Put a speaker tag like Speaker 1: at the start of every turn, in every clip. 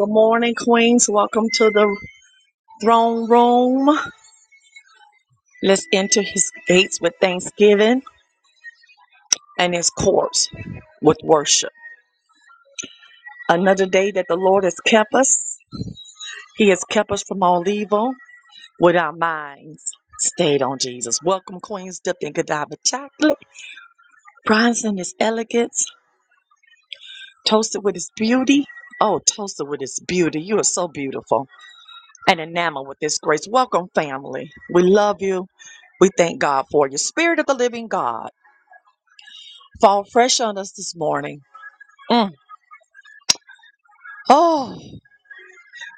Speaker 1: Good morning, Queens. Welcome to the throne room. Let's enter his gates with thanksgiving and his courts with worship. Another day that the Lord has kept us. He has kept us from all evil with our minds stayed on Jesus. Welcome, Queens, dipped in Godiva chocolate, bronze in his elegance, toasted with his beauty. Oh, toasted with his beauty. You are so beautiful. and enamored with this grace. Welcome, family. We love you. We thank God for you. Spirit of the living God, fall fresh on us this morning. Mm. Oh,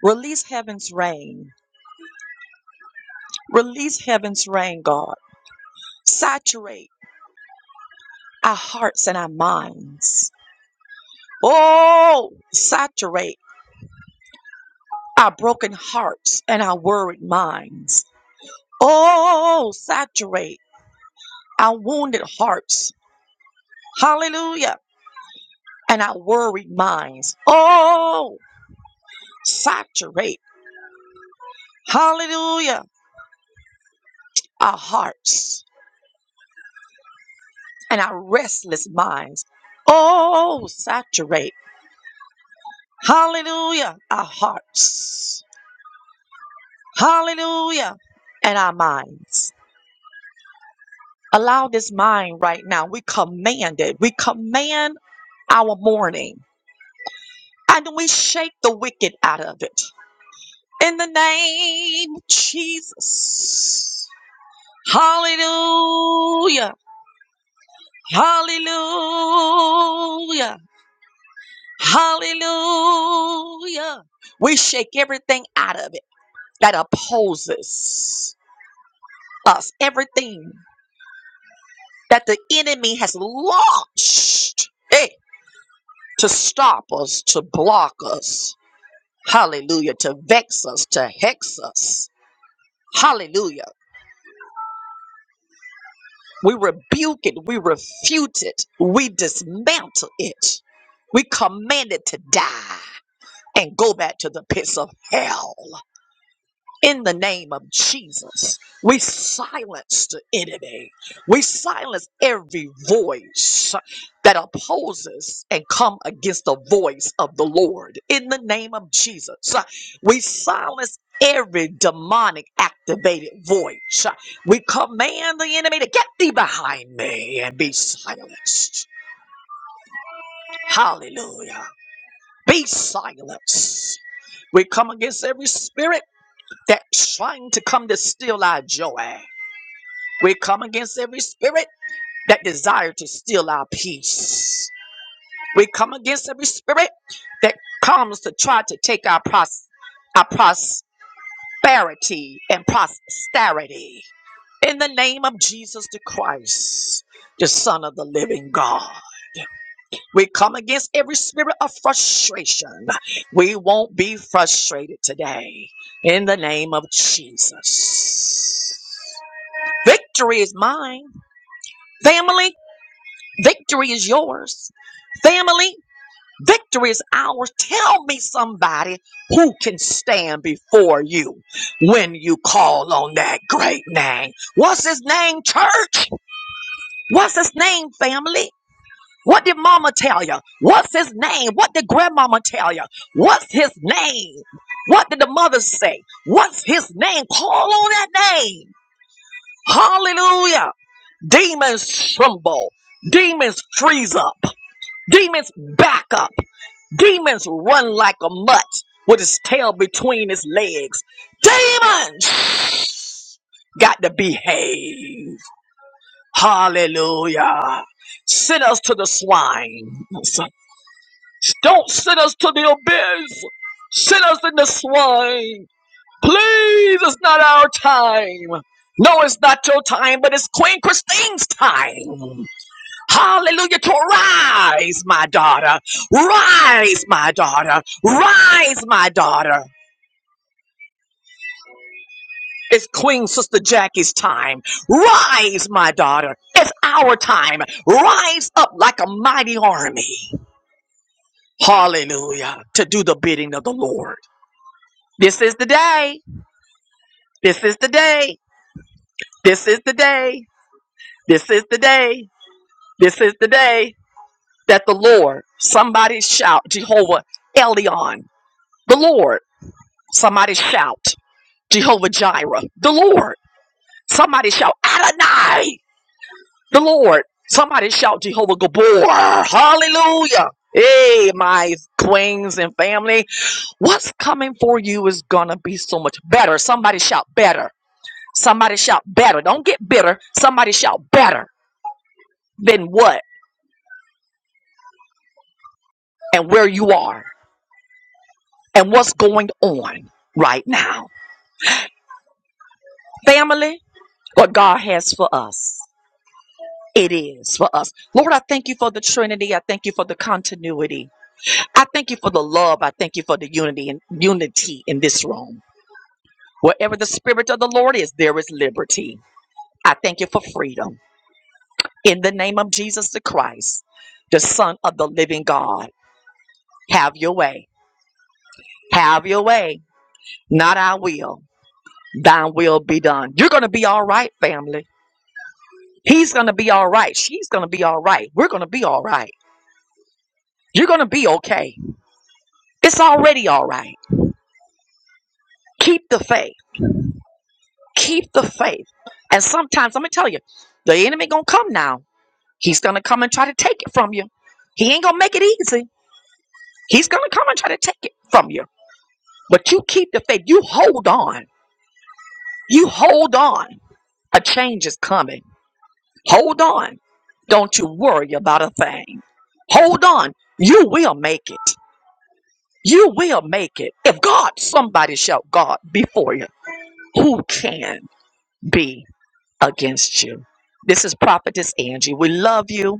Speaker 1: release heaven's rain. Release heaven's rain, God. Saturate our hearts and our minds. Oh, saturate our broken hearts and our worried minds. Oh, saturate our wounded hearts. Hallelujah. And our worried minds. Oh, saturate, hallelujah, our hearts and our restless minds. Oh, saturate, hallelujah, our hearts, hallelujah, and our minds. Allow this mind right now. We command it. We command our morning and we shake the wicked out of it. In the name of Jesus. Hallelujah. Hallelujah. Hallelujah. We shake everything out of it that opposes us, everything that the enemy has launched eh, to stop us, to block us. Hallelujah. To vex us, to hex us. Hallelujah. We rebuke it. We refute it. We dismantle it. We command it to die and go back to the pits of hell. In the name of Jesus, we silence the enemy. We silence every voice that opposes and come against the voice of the Lord. In the name of Jesus, we silence every demonic activated voice. We command the enemy to get thee behind me and be silenced. Hallelujah. Be silenced. We come against every spirit that's trying to come to steal our joy. We come against every spirit that desire to steal our peace. We come against every spirit that comes to try to take our pros- our prosperity and posterity. In the name of Jesus the Christ, the Son of the Living God. We come against every spirit of frustration. We won't be frustrated today. In the name of Jesus. Victory is mine. Family. Victory is yours. Family, victory is ours. Tell me somebody who can stand before you when you call on that great name. What's his name, church? What's his name, family? What did mama tell you? What's his name? What did grandmama tell you? What's his name? What did the mother say? What's his name? Call on that name. Hallelujah. Demons tremble. Demons freeze up. Demons back up. Demons run like a mutt with his tail between his legs. Demons got to behave. Hallelujah. Send us to the swine. Don't send us to the abyss. Send us in the swine. Please, it's not our time. No, it's not your time, but it's Queen Christine's time. Hallelujah. To rise, my daughter. Rise, my daughter. Rise, my daughter. It's Queen Sister Jackie's time. Rise, my daughter. It's our time. Rise up like a mighty army. Hallelujah. To do the bidding of the Lord. This is the day. This is the day. This is the day. This is the day. This is the day that the Lord, somebody shout, Jehovah Elion, the Lord, somebody shout. Jehovah Jireh, the Lord. Somebody shout Adonai, the Lord. Somebody shout Jehovah Gabor. Hallelujah. Hey, my queens and family, what's coming for you is gonna be so much better. Somebody shout better. Somebody shout better. Don't get bitter. Somebody shout better than what and where you are and what's going on right now. Family, what God has for us. it is for us. Lord, I thank you for the Trinity. I thank you for the continuity. I thank you for the love. I thank you for the unity and unity in this room. Wherever the spirit of the Lord is, there is liberty. I thank you for freedom. In the name of Jesus the Christ, the Son of the Living God, have your way. Have your way. Not our will. Thine will be done. You're gonna be all right, family. He's gonna be all right. She's gonna be all right. We're gonna be all right. You're gonna be okay. It's already all right. Keep the faith. Keep the faith. And sometimes I'm gonna tell you, the enemy gonna come now. He's gonna come and try to take it from you. He ain't gonna make it easy. He's gonna come and try to take it from you. But you keep the faith. You hold on. You hold on. A change is coming. Hold on. Don't you worry about a thing. Hold on. You will make it. You will make it. If God, somebody shout God before you. Who can be? against you. This is Prophetess Angie. We love you.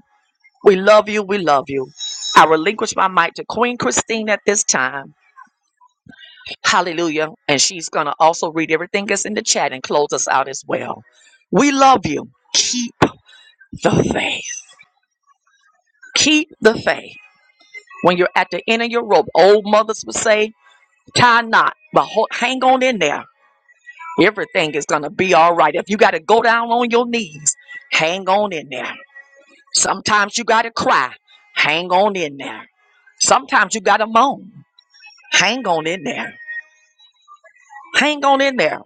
Speaker 1: We love you. We love you. I relinquish my mic to Queen Christine at this time. Hallelujah. And she's going to also read everything that's in the chat and close us out as well. We love you. Keep the faith. Keep the faith. When you're at the end of your rope, old mothers would say, tie not, but ho- hang on in there. Everything is going to be all right. If you got to go down on your knees, hang on in there. Sometimes you got to cry. Hang on in there. Sometimes you got to moan. Hang on in there. Hang on in there.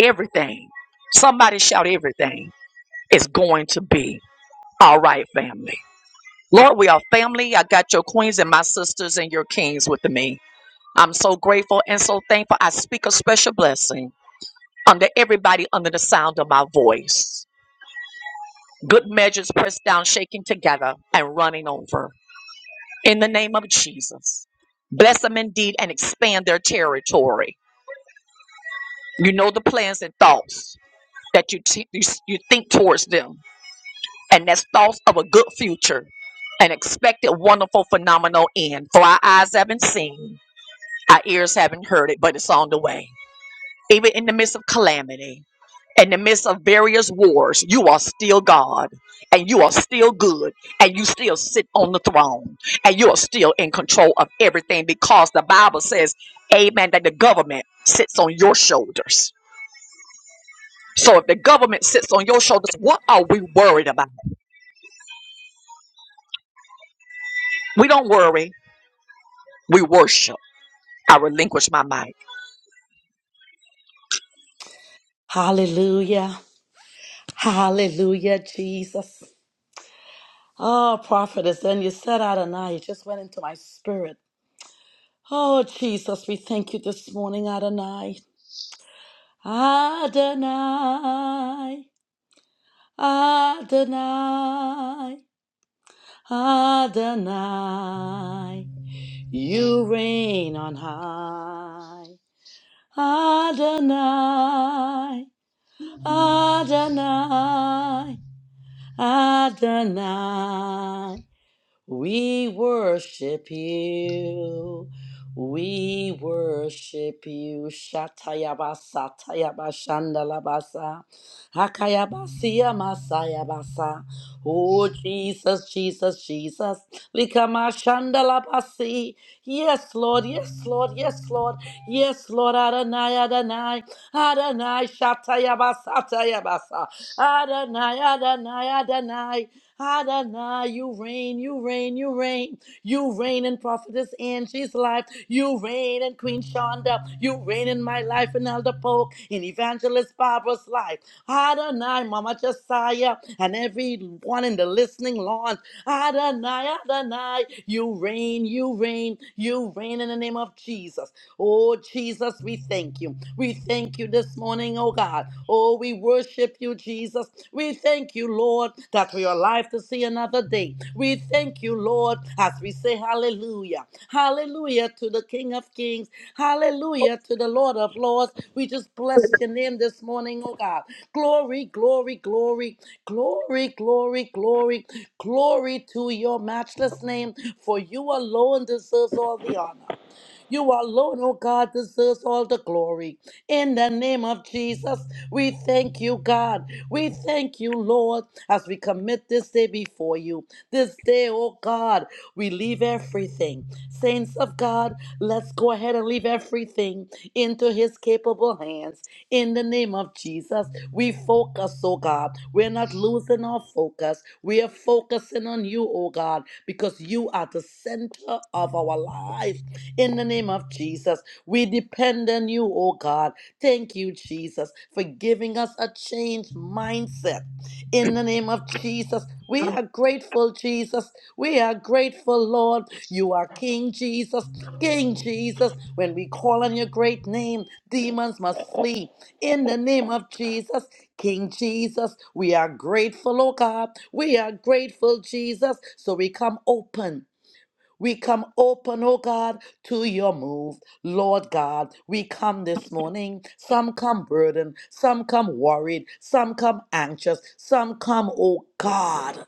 Speaker 1: Everything. Somebody shout everything is going to be all right, family. Lord, we are family. I got your queens and my sisters and your kings with me. I'm so grateful and so thankful. I speak a special blessing under everybody under the sound of my voice. Good measures pressed down, shaking together, and running over. in the name of Jesus. Bless them indeed and expand their territory. You know the plans and thoughts that you, t- you, s- you think towards them, and that's thoughts of a good future, an expected, wonderful, phenomenal end. For our eyes haven't seen, our ears haven't heard it, but it's on the way. Even in the midst of calamity, in the midst of various wars, you are still God and you are still good and you still sit on the throne and you are still in control of everything because the Bible says, Amen, that the government sits on your shoulders. So if the government sits on your shoulders, what are we worried about? We don't worry, we worship. I relinquish my mic.
Speaker 2: Hallelujah. Hallelujah, Jesus. Oh, prophetess, and you said Adonai. It just went into my spirit. Oh, Jesus, we thank you this morning, Adonai. Adonai. Adonai. Adonai. You reign on high. Adonai.
Speaker 3: Thank you.
Speaker 2: Adonai. Adonai. We worship you. We worship you. Shatayabasa, shandalabasa. Hakayabasia Masaya Basa. Oh Jesus, Jesus, Jesus. Likamashandala Basi. Yes, Lord, yes, Lord, yes, Lord, yes, Lord, Adonai, Adonai, Adonai, Shatayabasa, Tayabasa, Adonai, Adonai, Adonai. Adonai, you reign, you reign, you reign, you reign in prophetess in his life. You reign in Queen Shonda. You reign in my life in Elder Polk, in Evangelist Barbara's life. Adonai, Mama Josiah, and everyone in the listening lawn. Adonai, Adonai, you reign, you reign, you reign in the name of Jesus. Oh, Jesus, we thank you. We thank you this morning, oh God. Oh, we worship you, Jesus. Jesus. We thank you, Lord, that we are alive to see another day. We thank you, Lord, as we say hallelujah. Hallelujah to the King of Kings. Hallelujah to the Lord of Lords. We just bless your name this morning, oh God. Glory, glory, glory, glory, glory, glory, glory to your matchless name, for you alone deserves all the honor. You alone, oh God, deserves all the glory. In the name of Jesus, we thank you, God. We thank you, Lord, as we commit this day before you. This day, oh God, we leave everything. Saints of God, let's go ahead and leave everything into his capable hands. In the name of Jesus, we focus, oh God. We're not losing our focus. We are focusing on you, oh God, because you are the center of our lives in the name of Jesus. We depend on you, oh God. Thank you, Jesus, for giving us a changed mindset. In the name of Jesus, we are grateful, Jesus. We are grateful, Lord. You are King Jesus, King Jesus. When we call on your great name, demons must flee. In the name of Jesus, King Jesus, we are grateful, oh God. We are grateful, Jesus. So we come open we come open, oh God, to your move. Lord God, we come this morning. Some come burdened, some come worried, some come anxious, some come, oh God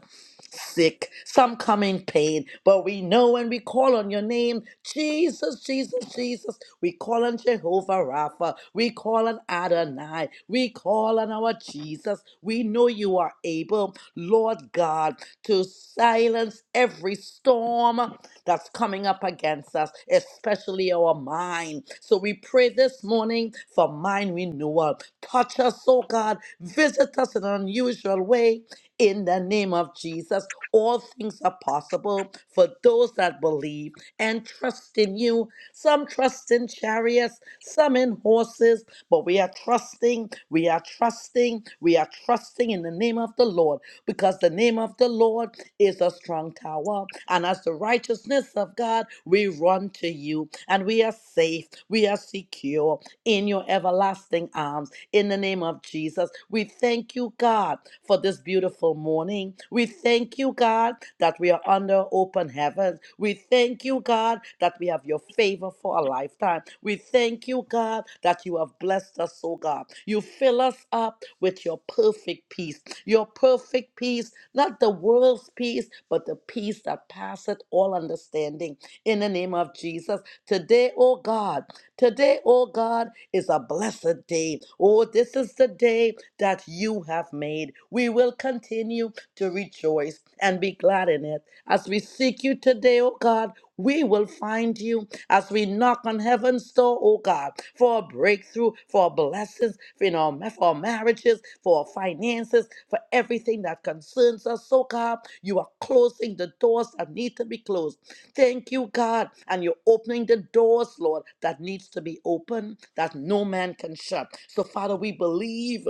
Speaker 2: sick, some come in pain, but we know when we call on your name, Jesus, Jesus, Jesus, we call on Jehovah Rapha, we call on Adonai, we call on our Jesus. We know you are able, Lord God, to silence every storm that's coming up against us, especially our mind. So we pray this morning for mind renewal. Touch us, oh God, visit us in an unusual way in the name of Jesus. All things are possible for those that believe and trust in you. Some trust in chariots, some in horses, but we are trusting, we are trusting, we are trusting in the name of the Lord because the name of the Lord is a strong tower. And as the righteousness of God, we run to you and we are safe, we are secure in your everlasting arms in the name of Jesus. We thank you, God, for this beautiful morning. We thank you, God, that we are under open heavens. We thank you, God, that we have your favor for a lifetime. We thank you, God, that you have blessed us, oh God. You fill us up with your perfect peace, your perfect peace, not the world's peace, but the peace that passeth all understanding. In the name of Jesus, today, oh God. Today, oh God, is a blessed day. Oh, this is the day that you have made. We will continue to rejoice and be glad in it. As we seek you today, oh God, we will find you as we knock on heaven's door, oh God, for a breakthrough, for blessings, for, you know, for marriages, for finances, for everything that concerns us, oh God. You are closing the doors that need to be closed. Thank you, God. And you're opening the doors, Lord, that needs to be open, that no man can shut. So, Father, we believe.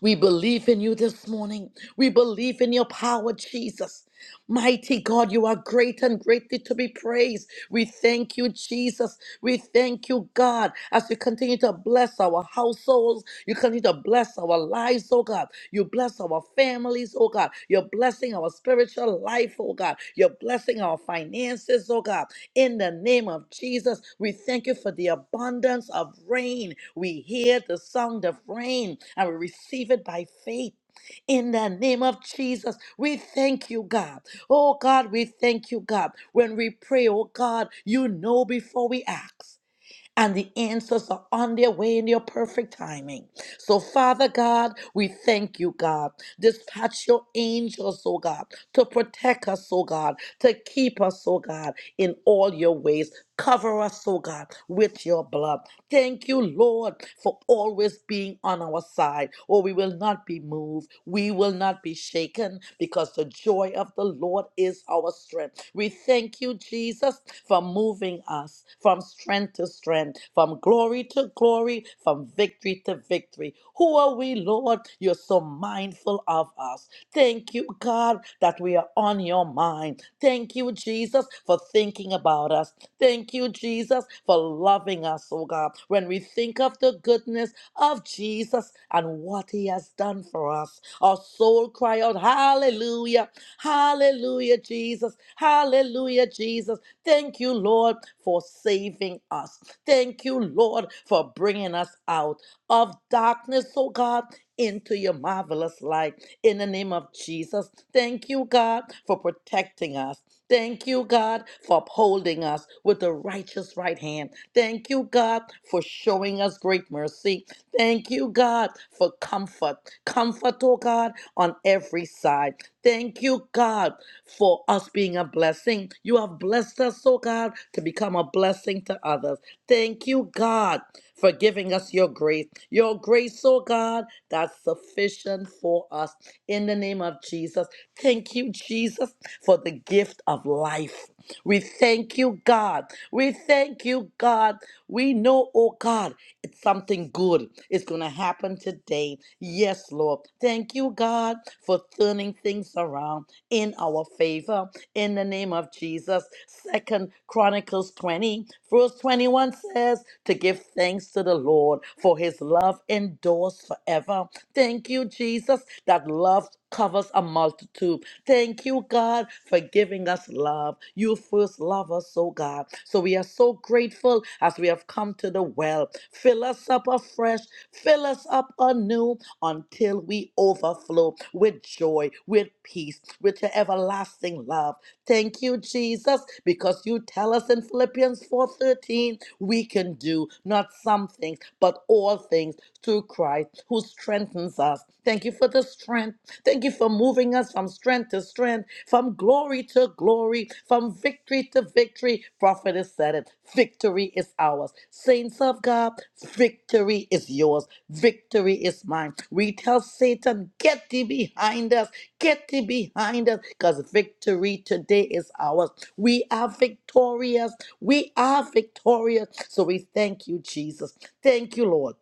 Speaker 2: We believe in you this morning. We believe in your power, Jesus. Mighty God, you are great and greatly to be praised. We thank you, Jesus. We thank you, God, as you continue to bless our households. You continue to bless our lives, oh God. You bless our families, oh God. You're blessing our spiritual life, oh God. You're blessing our finances, oh God. In the name of Jesus, we thank you for the abundance of rain. We hear the sound of rain and we receive it by faith. In the name of Jesus, we thank you, God. Oh God, we thank you, God. When we pray, oh God, you know before we ask and the answers are on their way in your perfect timing. So, Father God, we thank you, God. Dispatch your angels, oh God, to protect us, oh God, to keep us, oh God, in all your ways. Cover us, oh God, with your blood. Thank you, Lord, for always being on our side. Oh, we will not not be moved. We will not be shaken because the joy of the Lord is our strength. We thank you, Jesus, for moving us from strength to strength, from glory to glory, from victory to victory. Who are we, Lord? You're so mindful of us. Thank you, God, that we are on your mind. Thank you, Jesus, for thinking about us. Thank you, Jesus, for loving us, oh God. When we think of the goodness of Jesus and what he has done for us, our soul cry out, Hallelujah, Hallelujah, Jesus, Hallelujah, Jesus. Thank you, Lord, for saving us. Thank you, Lord, for bringing us out of darkness, oh God, into your marvelous light. In the name of Jesus, thank you, God, for protecting us. Thank you, God, for upholding us with the righteous right hand. Thank you, God, for showing us great mercy. Thank you, God, for comfort. Comfort, oh God, on every side. Thank you, God, for us being a blessing. You have blessed us, oh God, to become a blessing to others. Thank you, God for giving us your grace. Your grace, oh God, that's sufficient for us. In the name of Jesus, thank you, Jesus, for the gift of life. We thank you, God. We thank you, God. We know, oh God, it's something good is going to happen today. Yes, Lord. Thank you, God, for turning things around in our favor in the name of Jesus. Second Chronicles 20, verse 21 says, to give thanks to the Lord for his love endures forever. Thank you, Jesus, that love covers a multitude. Thank you, God, for giving us love. You first love us, oh God. So we are so grateful as we have come to the well. Fill us up afresh, fill us up anew until we overflow with joy, with peace, with your everlasting love. Thank you, Jesus, because you tell us in Philippians 4:13, we can do not some things, but all things through Christ who strengthens us. Thank you for the strength. Thank you for moving us from strength to strength, from glory to glory, from victory to victory. Prophet has said it. Victory is ours. Saints of God, victory is yours. Victory is mine. We tell Satan, get thee behind us. Get thee behind us because victory today is ours. We are victorious. We are victorious. So we thank you, Jesus. Thank you, Lord.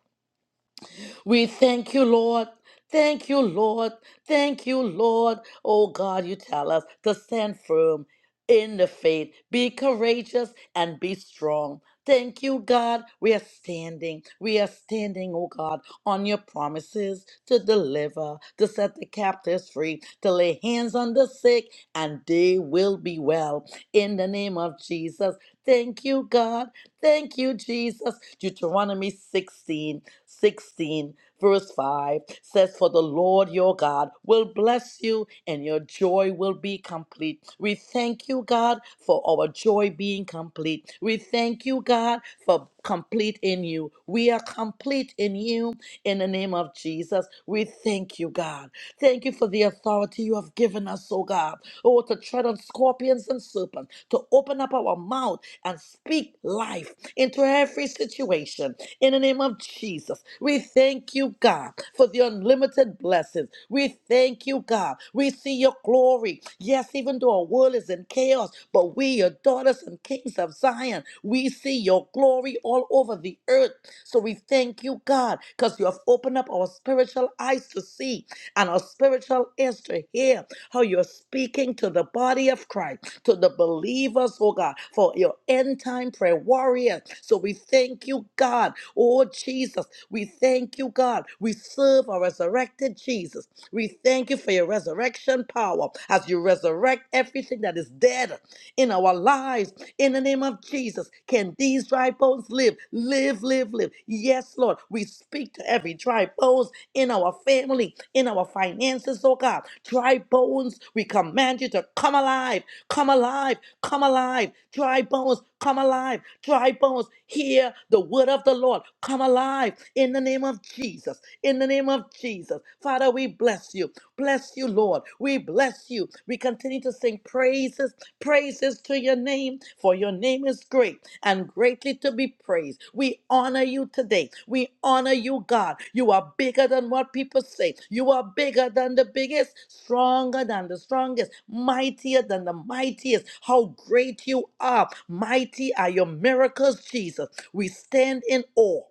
Speaker 2: We thank you, Lord. Thank you, Lord. Thank you, Lord. Oh God, you tell us to stand firm in the faith, be courageous, and be strong. Thank you, God. We are standing. We are standing, oh God, on your promises to deliver, to set the captives free, to lay hands on the sick, and they will be well. In the name of Jesus, thank you, God. Thank you, Jesus. Deuteronomy 16, 16, verse 5 says, For the Lord your God will bless you and your joy will be complete. We thank you, God, for our joy being complete. We thank you, God, for complete in you. We are complete in you in the name of Jesus. We thank you, God. Thank you for the authority you have given us, oh God. Oh, to tread on scorpions and serpents, to open up our mouth and speak life into every situation in the name of Jesus. We thank you, God, for for the unlimited blessings. We thank you, God. We see your glory. Yes, even though our world is in chaos, but we, your daughters and kings of Zion, we see your glory all over the earth. So we thank you, God, because you have opened up our spiritual eyes to see and our spiritual ears to hear how you're speaking to the body of Christ, to the believers, oh God, for your end time prayer warriors. So we thank you, God. Oh, Jesus, we thank you, God. We serve a resurrected Jesus. We thank you for your resurrection power as you resurrect everything that is dead in our lives. In the name of Jesus, can these dry bones live? Live, live, live. Yes, Lord. We speak to every dry bones in our family, in our finances, oh God. Dry bones, we command you to come alive, come alive, come alive. Dry bones, Come alive. Dry bones, hear the word of the Lord. Come alive in the name of Jesus. In the name of Jesus. Father, we bless you. Bless you, Lord. We bless you. We continue to sing praises, praises to your name, for your name is great and greatly to be be praised. We honor you today. We honor you, God. You are bigger than what people say. You are bigger than the biggest, stronger than the strongest, mightier than the mightiest. How great you are. Mighty are your miracles, Jesus. We stand in awe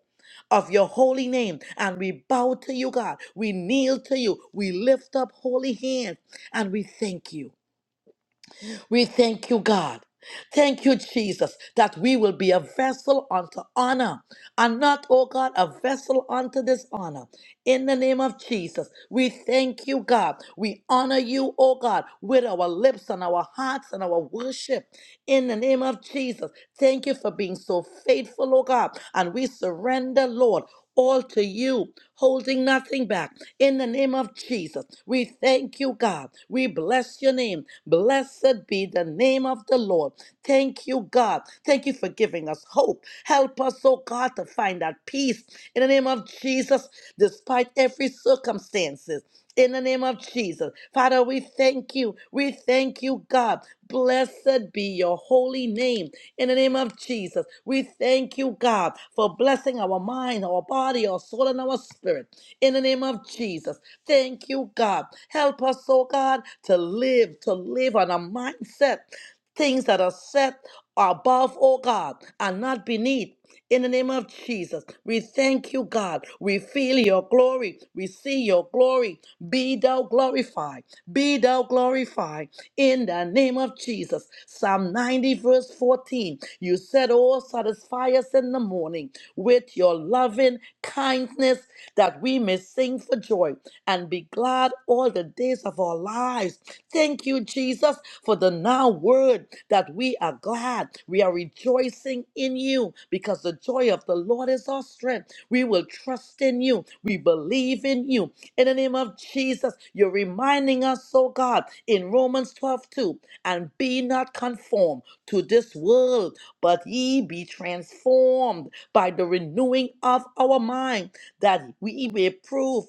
Speaker 2: of your holy name and we bow to you, God. We kneel to you. We lift up holy hands and we thank you. We thank you, God. Thank you, Jesus, that we will be a vessel unto honor and not, oh God, a vessel unto dishonor. In the name of Jesus, we thank you, God. We honor you, oh God, with our lips and our hearts and our worship in the name of Jesus. Thank you for being so faithful, oh God. And we surrender, Lord, all to you, holding nothing back. In the name of Jesus, we thank you, God. We bless your name. Blessed be the name of the Lord. Thank you, God. Thank you for giving us hope. Help us, oh God, to find that peace. In the name of Jesus, despite every circumstances in the name of Jesus. Father, we thank you. We thank you, God. Blessed be your holy name in the name of Jesus. We thank you, God, for blessing our mind, our body, our soul, and our spirit in the name of Jesus. Thank you, God. Help us, oh God, to live, to live on a mindset things that are set above, oh God, and not beneath. In the name of Jesus, we thank you, God. We feel your glory. We see your glory. Be thou glorified. Be thou glorified. In the name of Jesus. Psalm 90, verse 14. You said, Oh, satisfy us in the morning with your loving kindness that we may sing for joy and be glad all the days of our lives. Thank you, Jesus, for the now word that we are glad. We are rejoicing in you because the joy of the Lord is our strength. We will trust in you. We believe in you. In the name of Jesus, you're reminding us, oh God, in Romans 12 2, and be not conformed to this world, but ye be transformed by the renewing of our mind, that we may prove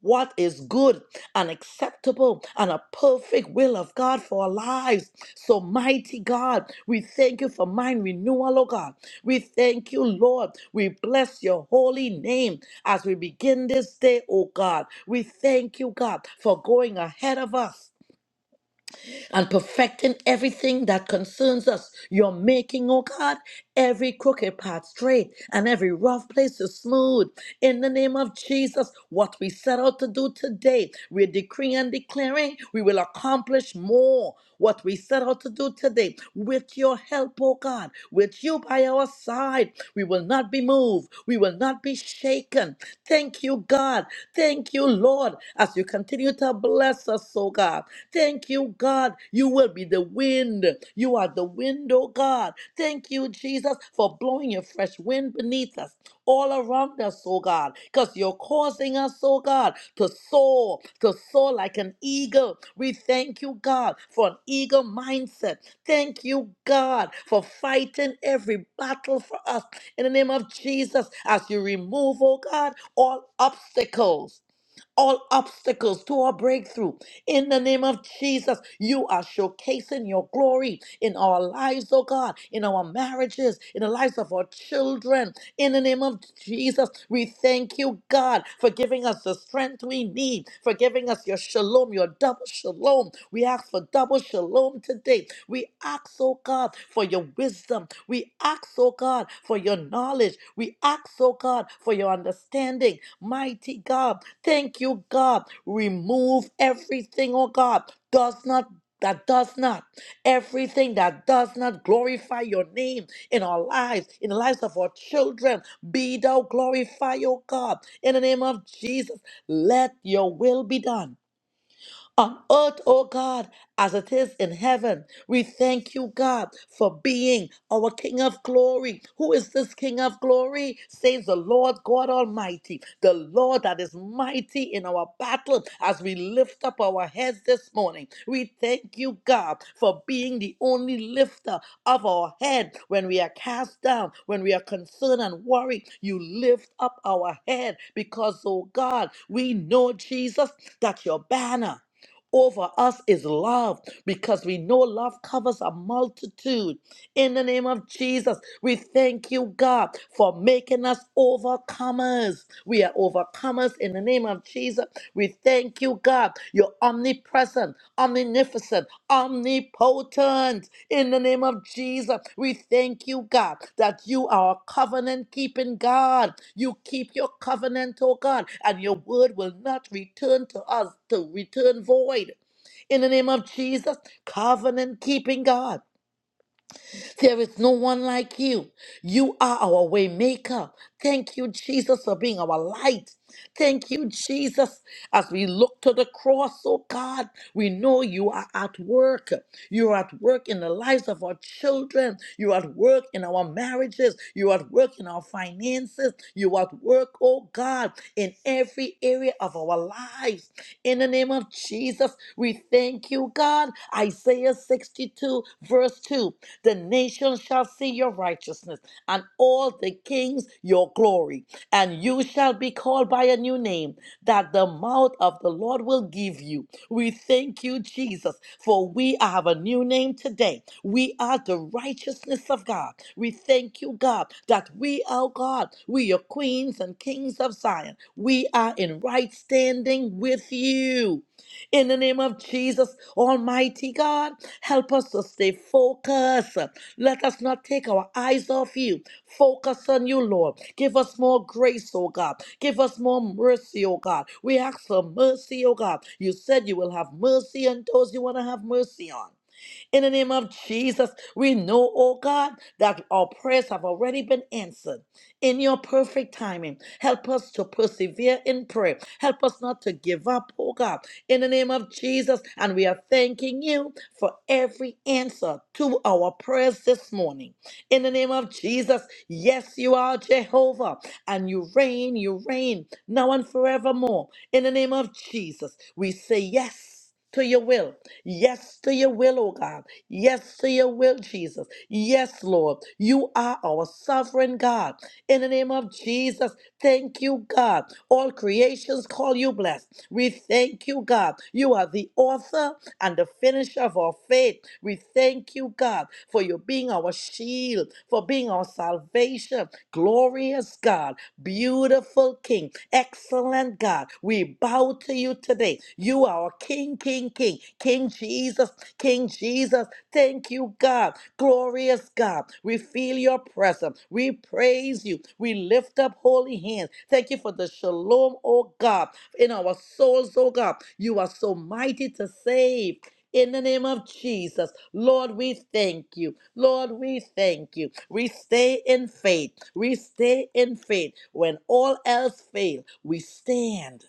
Speaker 2: what is good an acceptable and a perfect will of God for our lives. So, mighty God, we thank you for mind renewal, oh God. We thank you, Lord. We bless your holy name as we begin this day, oh God. We thank you, God, for going ahead of us and perfecting everything that concerns us. You're making, oh God, every crooked path straight and every rough place is smooth. In the name of Jesus, what we set out to do today, we're decreeing and declaring we will accomplish more. What we set out to do today, with your help, oh God, with you by our side, we will not be moved, we will not be shaken. Thank you, God. Thank you, Lord, as you continue to bless bless us, oh God. Thank you, God. You will be the wind. You are the wind, oh God. Thank you, Jesus, for blowing a fresh wind beneath us, all around us, oh God, because you're causing us, oh God, to soar, to soar like an eagle. We thank you, God, for an eagle mindset. Thank you, God, for fighting every battle for us in the name of Jesus as you remove, oh God, all obstacles all obstacles to our breakthrough. In the name of Jesus, you are showcasing your glory in our lives, oh God, in our marriages, in the lives of our children. In the name of Jesus, we thank you, God, for giving us the strength we need, for giving us your shalom, your double shalom. We ask for double shalom today. We ask, oh God, for your wisdom. We ask, oh God, for your knowledge. We ask, oh God, for your understanding. Mighty God, thank you, God. Remove everything, oh God, does not. That does not Everything that does not glorify your name in our lives, in the lives of our children, be thou glorified, O God. In the name of Jesus, let your will be done on earth, oh God, as it is in heaven. We thank you, God, for being our King of glory. Who is this King of glory? Says the Lord God Almighty, the Lord that is mighty in our battle as we lift up our heads this morning. We thank you, God, for being the only lifter of our head when we are cast down, when we are concerned and worried. You lift up our head because, oh God, we know, Jesus, that your banner over us is love because we know love covers a multitude. In the name of Jesus, we thank you, God, for making us overcomers. We are overcomers in the name of Jesus. We thank you, God. You're omnipresent, omnificent, omnipotent. In the name of Jesus, we thank you, God, that you are a covenant keeping God. You keep your covenant, oh God, and your word will not return to us to return void. In the name of Jesus, covenant keeping God. There is no one like you. You are our way maker. Thank you, Jesus, for being our light. Thank you, Jesus. As we look to the cross, oh God, we know you are at work. You're at work in the lives of our children. You're at work in our marriages. You're at work in our finances. You're at work, oh God, in every area of our lives. In the name of Jesus, we thank you, God. Isaiah 62, verse 2. The nations shall see your righteousness, and all the kings your glory. And you shall be called by a new name that the mouth of the Lord will give you. We thank you, Jesus, for we have a new name today. We are the righteousness of God. We thank you, God, that we are God. We are queens and kings of Zion. We are in right standing with you. In the name of Jesus, Almighty God, help us to stay focused. Let us not take our eyes off you. Focus on you, Lord. Give us more grace, oh God. Give us more mercy, oh God. We ask for mercy, oh God. You said you will have mercy on those you want to have mercy on. In the name of Jesus, we know, oh God, that our prayers have already been answered in your perfect timing. Help us to persevere in prayer. Help us not to give up, oh God, in the name of Jesus. And we are thanking you for every answer to our prayers this morning. In the name of Jesus, yes, you are Jehovah, and you reign, you reign now and forevermore. In the name of Jesus, we say yes to your will. Yes to your will, oh God. Yes to your will, Jesus. Yes, Lord. You are our sovereign God. In the name of Jesus, thank you, God. All creations call you blessed. We thank you, God. You are the author and the finisher of our faith. We thank you, God, for you being our shield, for being our salvation. Glorious God. Beautiful King, excellent God, we bow to you today. You are our King, King, King, King Jesus, King Jesus. Thank you, God, glorious God. We feel your presence. We praise you. We lift up holy hands. Thank you for the shalom, oh God, in our souls, oh God. You are so mighty to save in the name of Jesus. Lord, we thank you. Lord, we thank you. We stay in faith. We stay in faith. When all else fail, we stand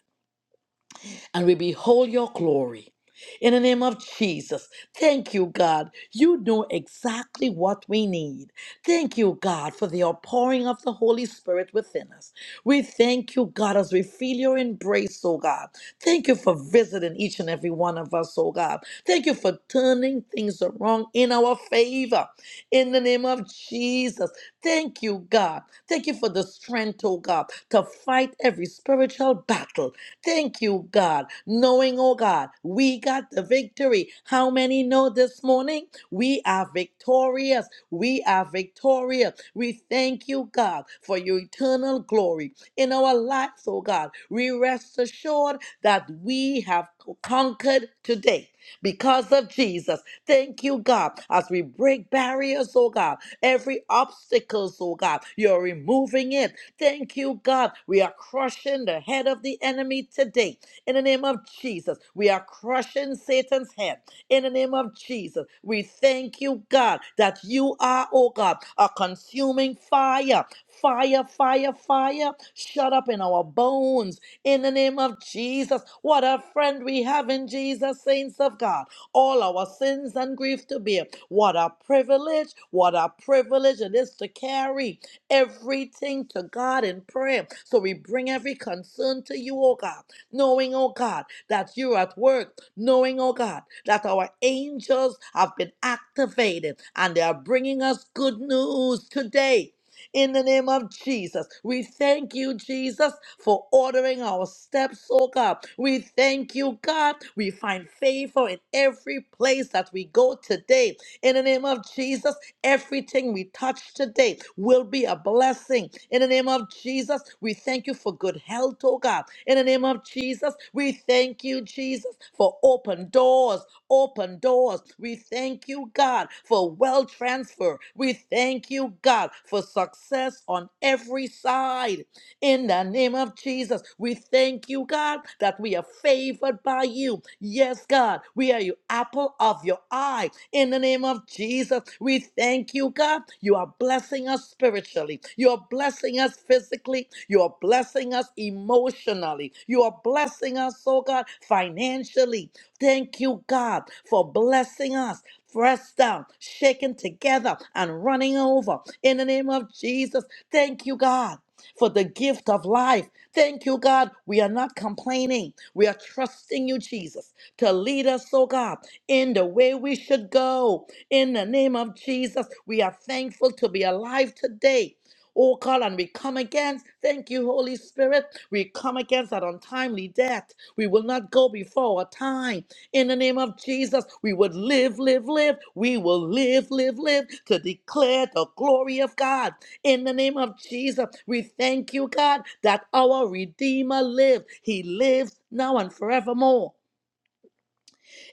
Speaker 2: and we behold your glory. In the name of Jesus, thank you, God. You know exactly what we need. Thank you, God, for the outpouring of the Holy Spirit within us. We thank you, God, as we feel your embrace, oh God. Thank you for visiting each and every one of us, oh God. Thank you for turning things around in our favor. In the name of Jesus, thank you, God. Thank you for the strength, oh God, to fight every spiritual battle Thank you, God, knowing, oh God, we got the victory. How many know this morning? We are victorious. We are victorious. We thank you, God, for your eternal glory in our lives, oh God. We rest assured that we have conquered today because of Jesus. Thank you, God, as we break barriers, oh God, every obstacles, oh God, you're removing it Thank you, God. We are crushing the head of the enemy today. In the name of Jesus, we are crushing Satan's head. In the name of Jesus, we thank you, God, that you are, oh God, a consuming fire. Fire, fire, fire. Shut up in our bones. In the name of Jesus, what a friend we have in Jesus, saints of God. All our sins and grief to bear. What a privilege, what a privilege it is to carry everything to God in prayer. So we bring every concern to you, oh God, knowing, oh God, that you're at work, knowing, oh God, that our angels have been activated and they are bringing us good news today. In the name of Jesus, we thank you, Jesus, for ordering our steps, oh God. We thank you, God. We find favor in every place that we go today. In the name of Jesus, Everything we touch today will be a blessing. In the name of Jesus, we thank you for good health, oh God. In the name of Jesus, we thank you, Jesus, for open doors, open doors. We thank you, God, for wealth transfer. We thank you, God, for success on every side. In the name of Jesus, we thank you, God, that we are favored by you. Yes, God, we are your apple of your eye. In the name of Jesus, we thank you, God. You are blessing us spiritually. You are blessing us physically. You are blessing us emotionally. You are blessing us, oh God, financially. Thank you, God, for blessing us pressed down, shaken together, and running over. In the name of Jesus, thank you, God for the gift of life. Thank you, God. We are not complaining. We are trusting you, Jesus, to lead us, oh God, in the way we should go. In the name of Jesus, we are thankful to be alive today. Oh God, and we come against, thank you, Holy Spirit. We come against that untimely death. We will not go before our time. In the name of Jesus, we would live, live, live. We will live, live, live to declare the glory of God. In the name of Jesus, we thank you, God, that our Redeemer lives. He lives now and forevermore.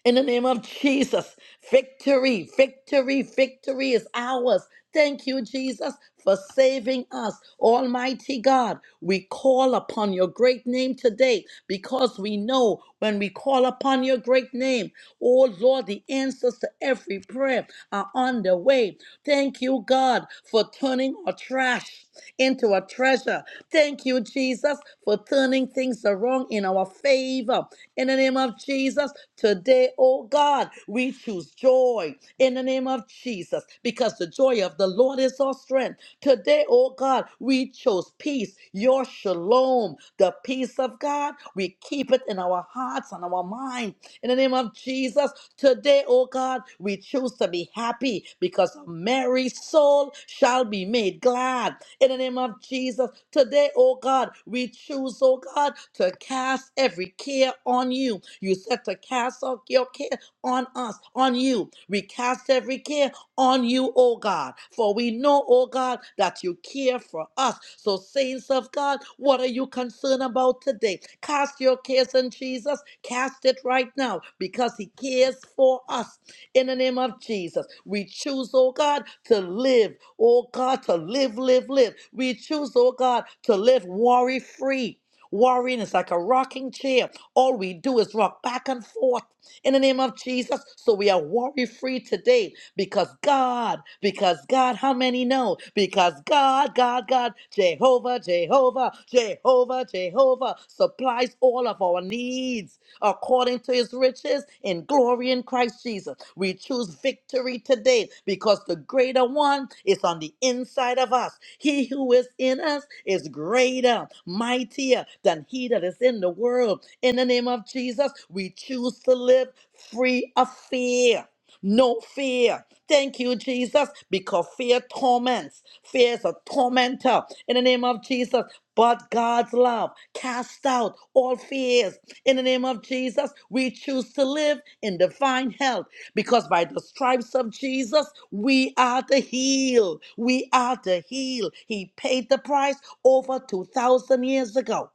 Speaker 2: In the name of Jesus, victory, victory, victory is ours. Thank you, Jesus, for saving us. Almighty God, we call upon your great name today because we know when we call upon your great name, oh Lord, the answers to every prayer are on the way. Thank you, God, for turning our trash cash into a treasure. Thank you, Jesus, for turning things around in our favor. In the name of Jesus, today, oh God, we choose joy in the name of Jesus because the joy of the Lord is our strength. Today, oh God, we chose peace, your shalom, the peace of God. We keep it in our hearts and our mind. In the name of Jesus, today, oh God, we choose to be happy because a merry soul shall be made glad in the name of Jesus. Today, oh God, we choose, oh God, to cast every care on you. You said to cast all your care on us, on you. We cast every care on you, oh God, for we know, oh God, that you care for us. So, saints of God, what are you concerned about today? Cast your cares on Jesus, cast it right now because he cares for us in the name of Jesus. We choose, oh God, to live, oh God, to live, live, live. We choose, oh God, to live worry free. Worrying is like a rocking chair. All we do is rock back and forth in the name of Jesus. So we are worry free today because God, because God, how many know? Because God, God, God, Jehovah, Jehovah, Jehovah, Jehovah supplies all of our needs according to his riches in glory and in Christ Jesus. We choose victory today because the greater one is on the inside of us. He who is in us is greater, mightier than he that is in the world. In the name of Jesus, we choose to live free of fear no fear. Thank you, Jesus, because fear torments. Fear is a tormentor in the name of Jesus. But God's love cast out all fears. In the name of Jesus, we choose to live in divine health because by the stripes of Jesus, we are to heal. We are to heal. He paid the price over 2,000 years ago.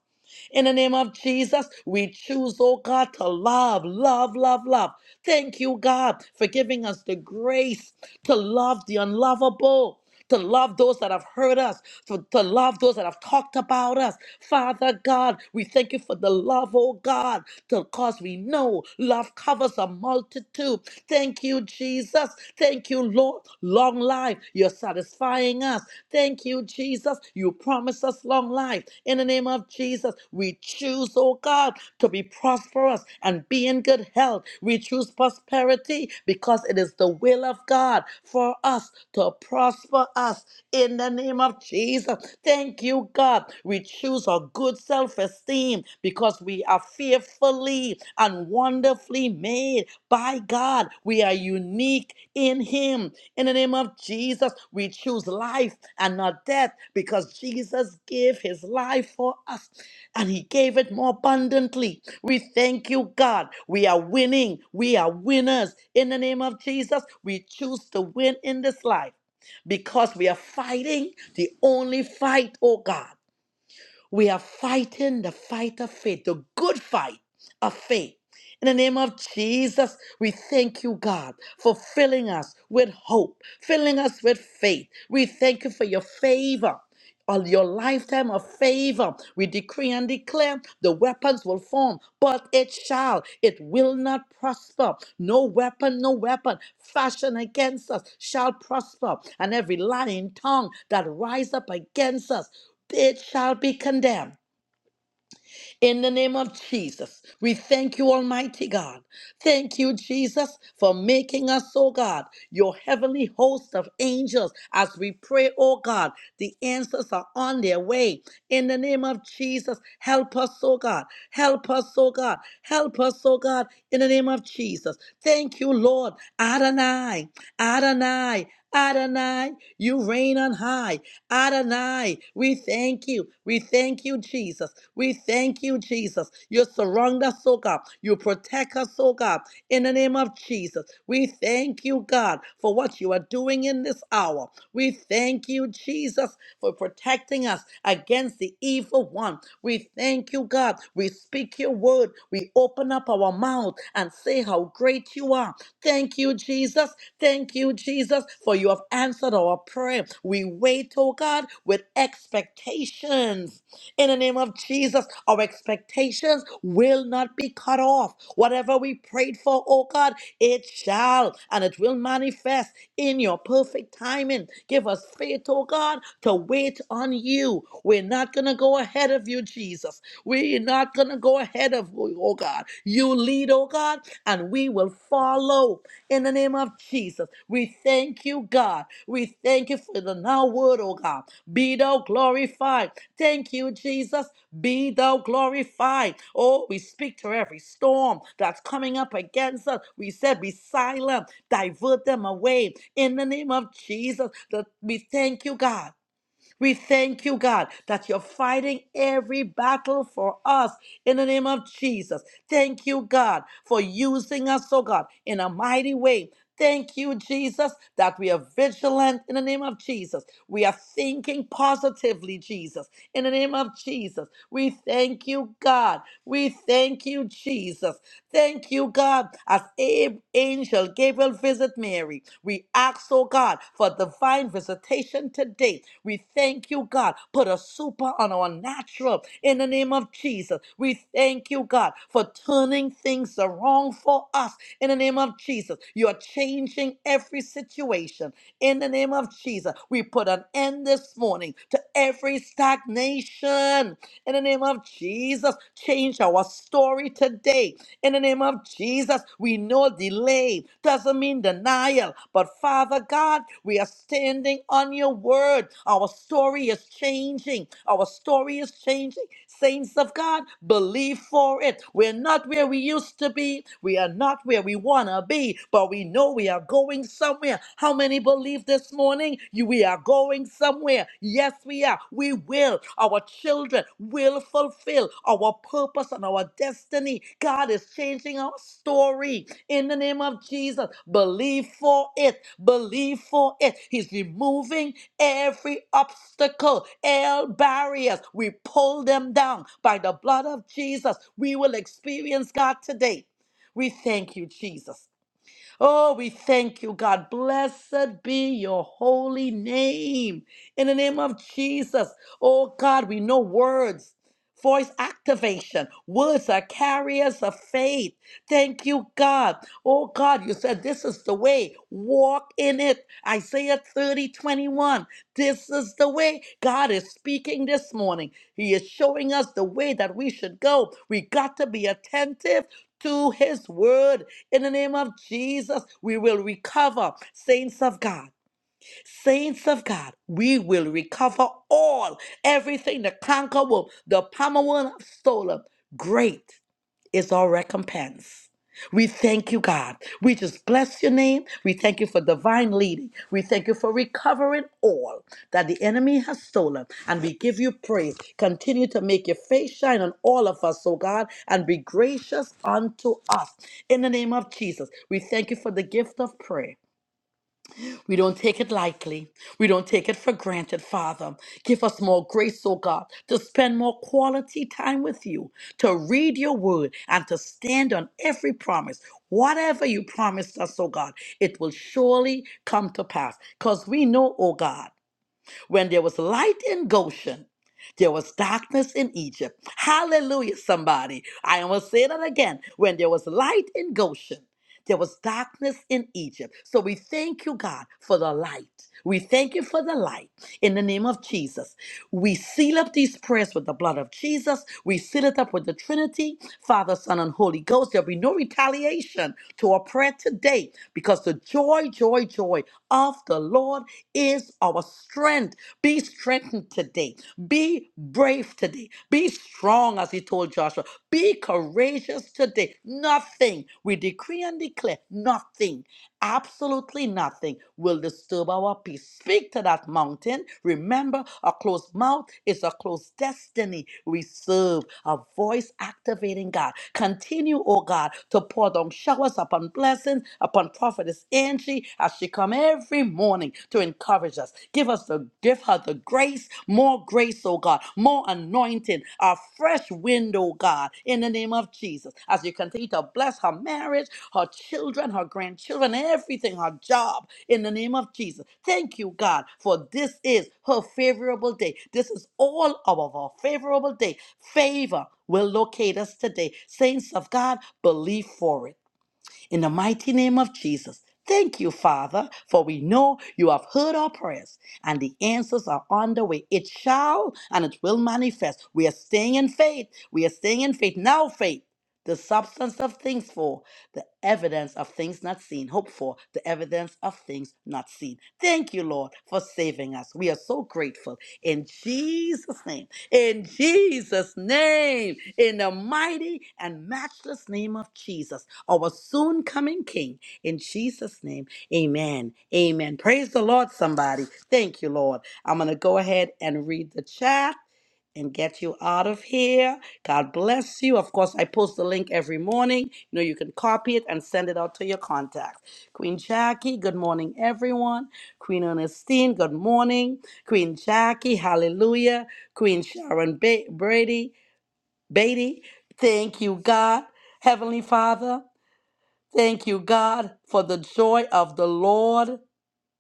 Speaker 2: In the name of Jesus, we choose, oh God, to love, love, love, love. Thank you, God, for giving us the grace to love the unlovable. To love those that have hurt us, to, to love those that have talked about us. Father God, we thank you for the love, oh God, because we know love covers a multitude. Thank you, Jesus. Thank you, Lord. Long life, you're satisfying us. Thank you, Jesus. You promise us long life. In the name of Jesus, Jesus. We choose, oh God, to be prosperous and be in good health. We choose prosperity because it is the will of God for us to prosper us in the name of Jesus. Thank you, God. We choose a good self esteem because we are fearfully and wonderfully made by God. We are unique in Him. In the name of Jesus, we choose life and not death because Jesus gave His life for us and he gave it more abundantly. We thank you, God. We are winning. We are winners. In the name of Jesus, we choose to win in this life because we are fighting the only fight, oh God. We are fighting the fight of faith, the good fight of faith. In the name of Jesus, we thank you, God, for filling us with hope, filling us with faith. We thank you for your favor on your lifetime of favor. We decree and declare the weapons will form, but it shall, it will not prosper. No weapon, no weapon fashioned against us shall prosper. And every lying tongue that rise up against us it shall be condemned. In the name of Jesus, we thank you, Almighty God. Thank you, Jesus, for making us, oh God, your heavenly host of angels. As we pray, oh God, the answers are on their way. In the name of Jesus, help us, oh God. Help us, oh God. Help us, oh God, in the name of Jesus. Thank you, Lord. Adonai, Adonai, Adonai, you reign on high. Adonai, we thank you. We thank you, Jesus. We thank you, Jesus. You surround us, oh God. You protect us, oh God. In the name of Jesus, we thank you, God, for what you are doing in this hour. We thank you, Jesus, for protecting us against the evil one. We thank you, God. We speak your word. We open up our mouth and say how great you are. Thank you, Jesus. Thank you, Jesus, for you have answered our prayer. We wait, oh God, with expectations. In the name of Jesus, our expectations will not be cut off. Whatever we prayed for, oh God, it shall and it will manifest in your perfect timing. Give us faith, oh God, to wait on you. We're not going to go ahead of you, Jesus. We're not going to go ahead of you, oh God. You lead, oh God, and we will follow in the name of Jesus. We thank you, God. We thank you for the now word, oh God. Be thou glorified. Thank you, Jesus. Be thou glorified. Oh, we speak to every storm that's coming up against us. We said, be silent, divert them away. In the name of Jesus, that we thank you, God. We thank you, God, that you're fighting every battle for us in the name of Jesus. Thank you, God, for using us, oh God, in a mighty way. Thank you, Jesus, that we are vigilant in the name of Jesus. We are thinking positively, Jesus, in the name of Jesus. We thank you, God. We thank you, Jesus. Thank you, God, as Ab- angel Gabriel visit Mary. We ask, oh God, for divine visitation today. We thank you, God. Put a super on our natural in the name of Jesus. We thank you, God, for turning things around for us in the name of Jesus. You are changing every situation in the name of Jesus. We put an end this morning to every stagnation in the name of Jesus. Change our story today in the name of Jesus, we know delay doesn't mean denial, but Father God, we are standing on your word. Our story is changing. Our story is changing. Saints of God, believe for it. We're not where we used to be. We are not where we want to be, but we know we are going somewhere. How many believe this morning? You, we are going somewhere somewhere. Yes, we are. We will. Our children will fulfill our purpose and our destiny. God is changing our story. In the name of Jesus, believe for it. Believe for it. He's removing every obstacle, all barriers. We pull them down by the blood of Jesus. We will experience God today. We thank you, Jesus. Oh, we thank you, God. Blessed be your holy name. In the name of Jesus. Oh, God, we know words, voice activation. Words are carriers of faith. Thank you, God. Oh, God, you said this is the way. Walk in it. Isaiah 30 21. This is the way. God is speaking this morning. He is showing us the way that we should go. We got to be attentive to his word in the name of Jesus, we will recover. Saints of God, saints of God, we will recover all, everything the conqueror, the palmer one have stolen. Great is our recompense. We thank you, God. We just bless your name. We thank you for divine leading. We thank you for recovering all that the enemy has stolen. And we give you praise. Continue to make your face shine on all of us, oh God, and be gracious unto us. In the name of Jesus, we thank you for the gift of prayer. We don't take it lightly. We don't take it for granted, Father. Give us more grace, oh God, to spend more quality time with you, to read your word, and to stand on every promise. Whatever you promised us, oh God, it will surely come to pass. Because we know, oh God, when there was light in Goshen, there was darkness in Egypt. Hallelujah, somebody. I am going to say that again. When there was light in Goshen, there was darkness in Egypt. So we thank you, God, for the light. We thank you for the light in the name of Jesus. We seal up these prayers with the blood of Jesus. We seal it up with the Trinity, Father, Son, and Holy Ghost. There'll be no retaliation to our prayer today because the joy, joy, joy of the Lord is our strength. Be strengthened today. Be brave today. Be strong, as he told Joshua. Be courageous today. Nothing. We decree and declare nothing Absolutely nothing will disturb our peace. Speak to that mountain. Remember, a closed mouth is a closed destiny. We serve a voice activating God. Continue, oh God, to pour down showers upon blessings, upon prophetess Angie as she come every morning to encourage us. Give us the give her the grace, more grace, oh God, more anointing, a fresh wind, oh God, in the name of Jesus. As you continue to bless her marriage her children, her grandchildren, everything, her job, in the name of Jesus. Thank you, God, for this is her favorable day. This is all of our favorable day. Favor will locate us today. Saints of God, believe for it. In the mighty name of Jesus, thank you, Father, for we know you have heard our prayers and the answers are on the way. It shall and it will manifest. We are staying in faith. We are staying in faith. Now, faith. The substance of things for, the evidence of things not seen. Hope for, the evidence of things not seen. Thank you, Lord, for saving us. We are so grateful. In Jesus' name in Jesus' name, in the mighty and matchless name of Jesus, our soon coming King, in Jesus' name, amen. Amen. Praise the Lord, somebody. Thank you, Lord. I'm going to go ahead and read the chat and get you out of here. God bless you. Of course, I post the link every morning. You know, you can copy it and send it out to your contacts. Queen Jackie, good morning, everyone. Queen Ernestine, good morning. Queen Jackie, hallelujah. Queen Sharon ba- Brady, Beatty, thank you, God. Heavenly Father, thank you, God, for the joy of the Lord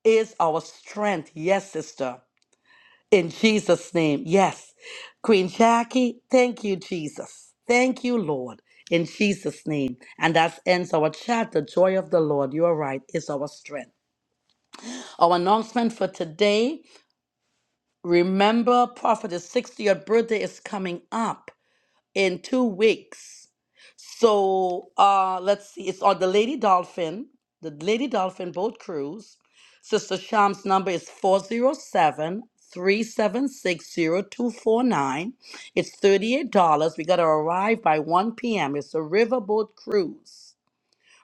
Speaker 2: is our strength. Yes, sister. In Jesus' name. Yes. Queen Jackie, thank you, Jesus. Thank you, Lord. In Jesus' name. And that ends our chat. The joy of the Lord, you are right, is our strength. Our announcement for today remember, Prophet's 60th birthday is coming up in two weeks. So uh, let's see. It's on the Lady Dolphin, the Lady Dolphin boat cruise. Sister Sham's number is four zero seven three seven six zero two four nine. It's $38. We got to arrive by 1 p.m. It's a riverboat cruise.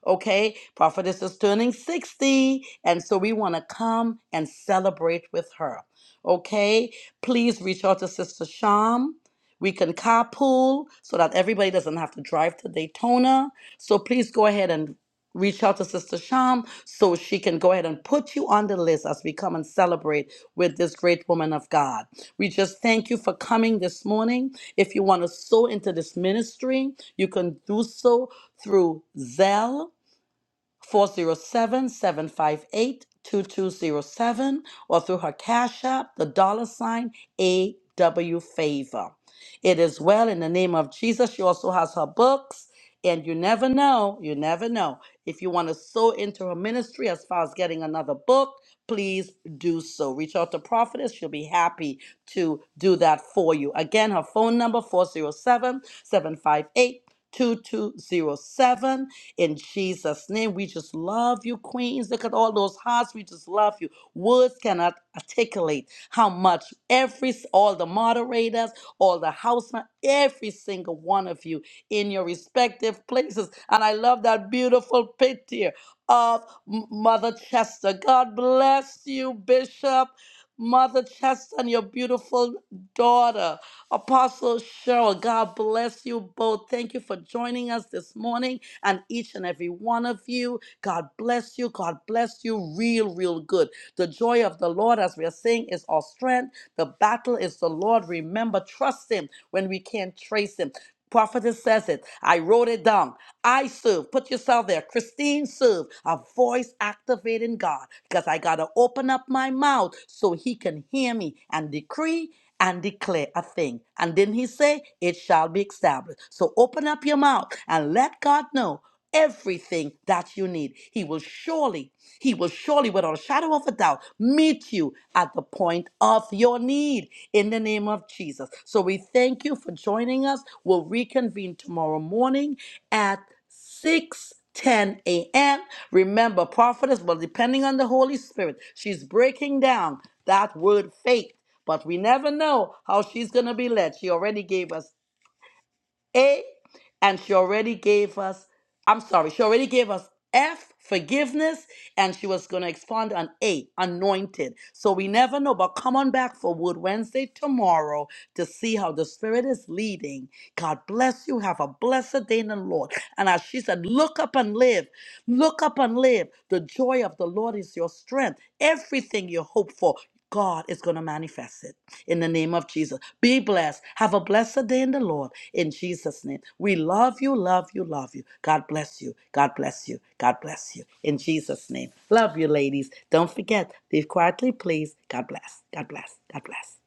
Speaker 2: Okay, prophetess is turning 60, and so we want to come and celebrate with her. Okay, please reach out to Sister Sham. We can carpool so that everybody doesn't have to drive to Daytona. So please go ahead and reach out to Sister Sham so she can go ahead and put you on the list as we come and celebrate with this great woman of God. We just thank you for coming this morning. If you want to sow into this ministry, you can do so through Zelle. Four zero seven seven five eight two two zero seven, or through her cash app the dollar sign aw favor it is well in the name of jesus she also has her books and you never know you never know if you want to sow into her ministry as far as getting another book please do so reach out to prophetess she'll be happy to do that for you again her phone number 407 758 2207 in Jesus' name. We just love you, Queens. Look at all those hearts. We just love you. Words cannot articulate how much every, all the moderators, all the house, every single one of you in your respective places. And I love that beautiful picture of M- Mother Chester. God bless you, Bishop. Mother Chester and your beautiful daughter, Apostle Cheryl. God bless you both. Thank you for joining us this morning and each and every one of you. God bless you. God bless you. Real, real good. The joy of the Lord, as we are saying, is our strength. The battle is the Lord. Remember, trust Him when we can't trace Him. Prophetess says it. I wrote it down. I serve. Put yourself there. Christine serve. A voice activating God because I got to open up my mouth so he can hear me and decree and declare a thing. And didn't he say, It shall be established? So open up your mouth and let God know everything that you need. He will surely, he will surely, without a shadow of a doubt, meet you at the point of your need in the name of Jesus. So we thank you for joining us. We'll reconvene tomorrow morning at 6 10 a.m. Remember, prophetess, well, depending on the Holy Spirit, she's breaking down that word faith. But we never know how she's going to be led. She already gave us a, and she already gave us, I'm sorry, she already gave us F, forgiveness, and she was going to expand on A, anointed. So we never know, but come on back for Wood Wednesday tomorrow to see how the Spirit is leading. God bless you. Have a blessed day in the Lord. And as she said, look up and live. Look up and live. The joy of the Lord is your strength. Everything you hope for, God is going to manifest it in the name of Jesus. Be blessed. Have a blessed day in the Lord in Jesus' name. We love you, love you, love you. God bless you. God bless you. God bless you in Jesus' name. Love you, ladies. Don't forget, leave quietly, please. God bless. God bless. God bless.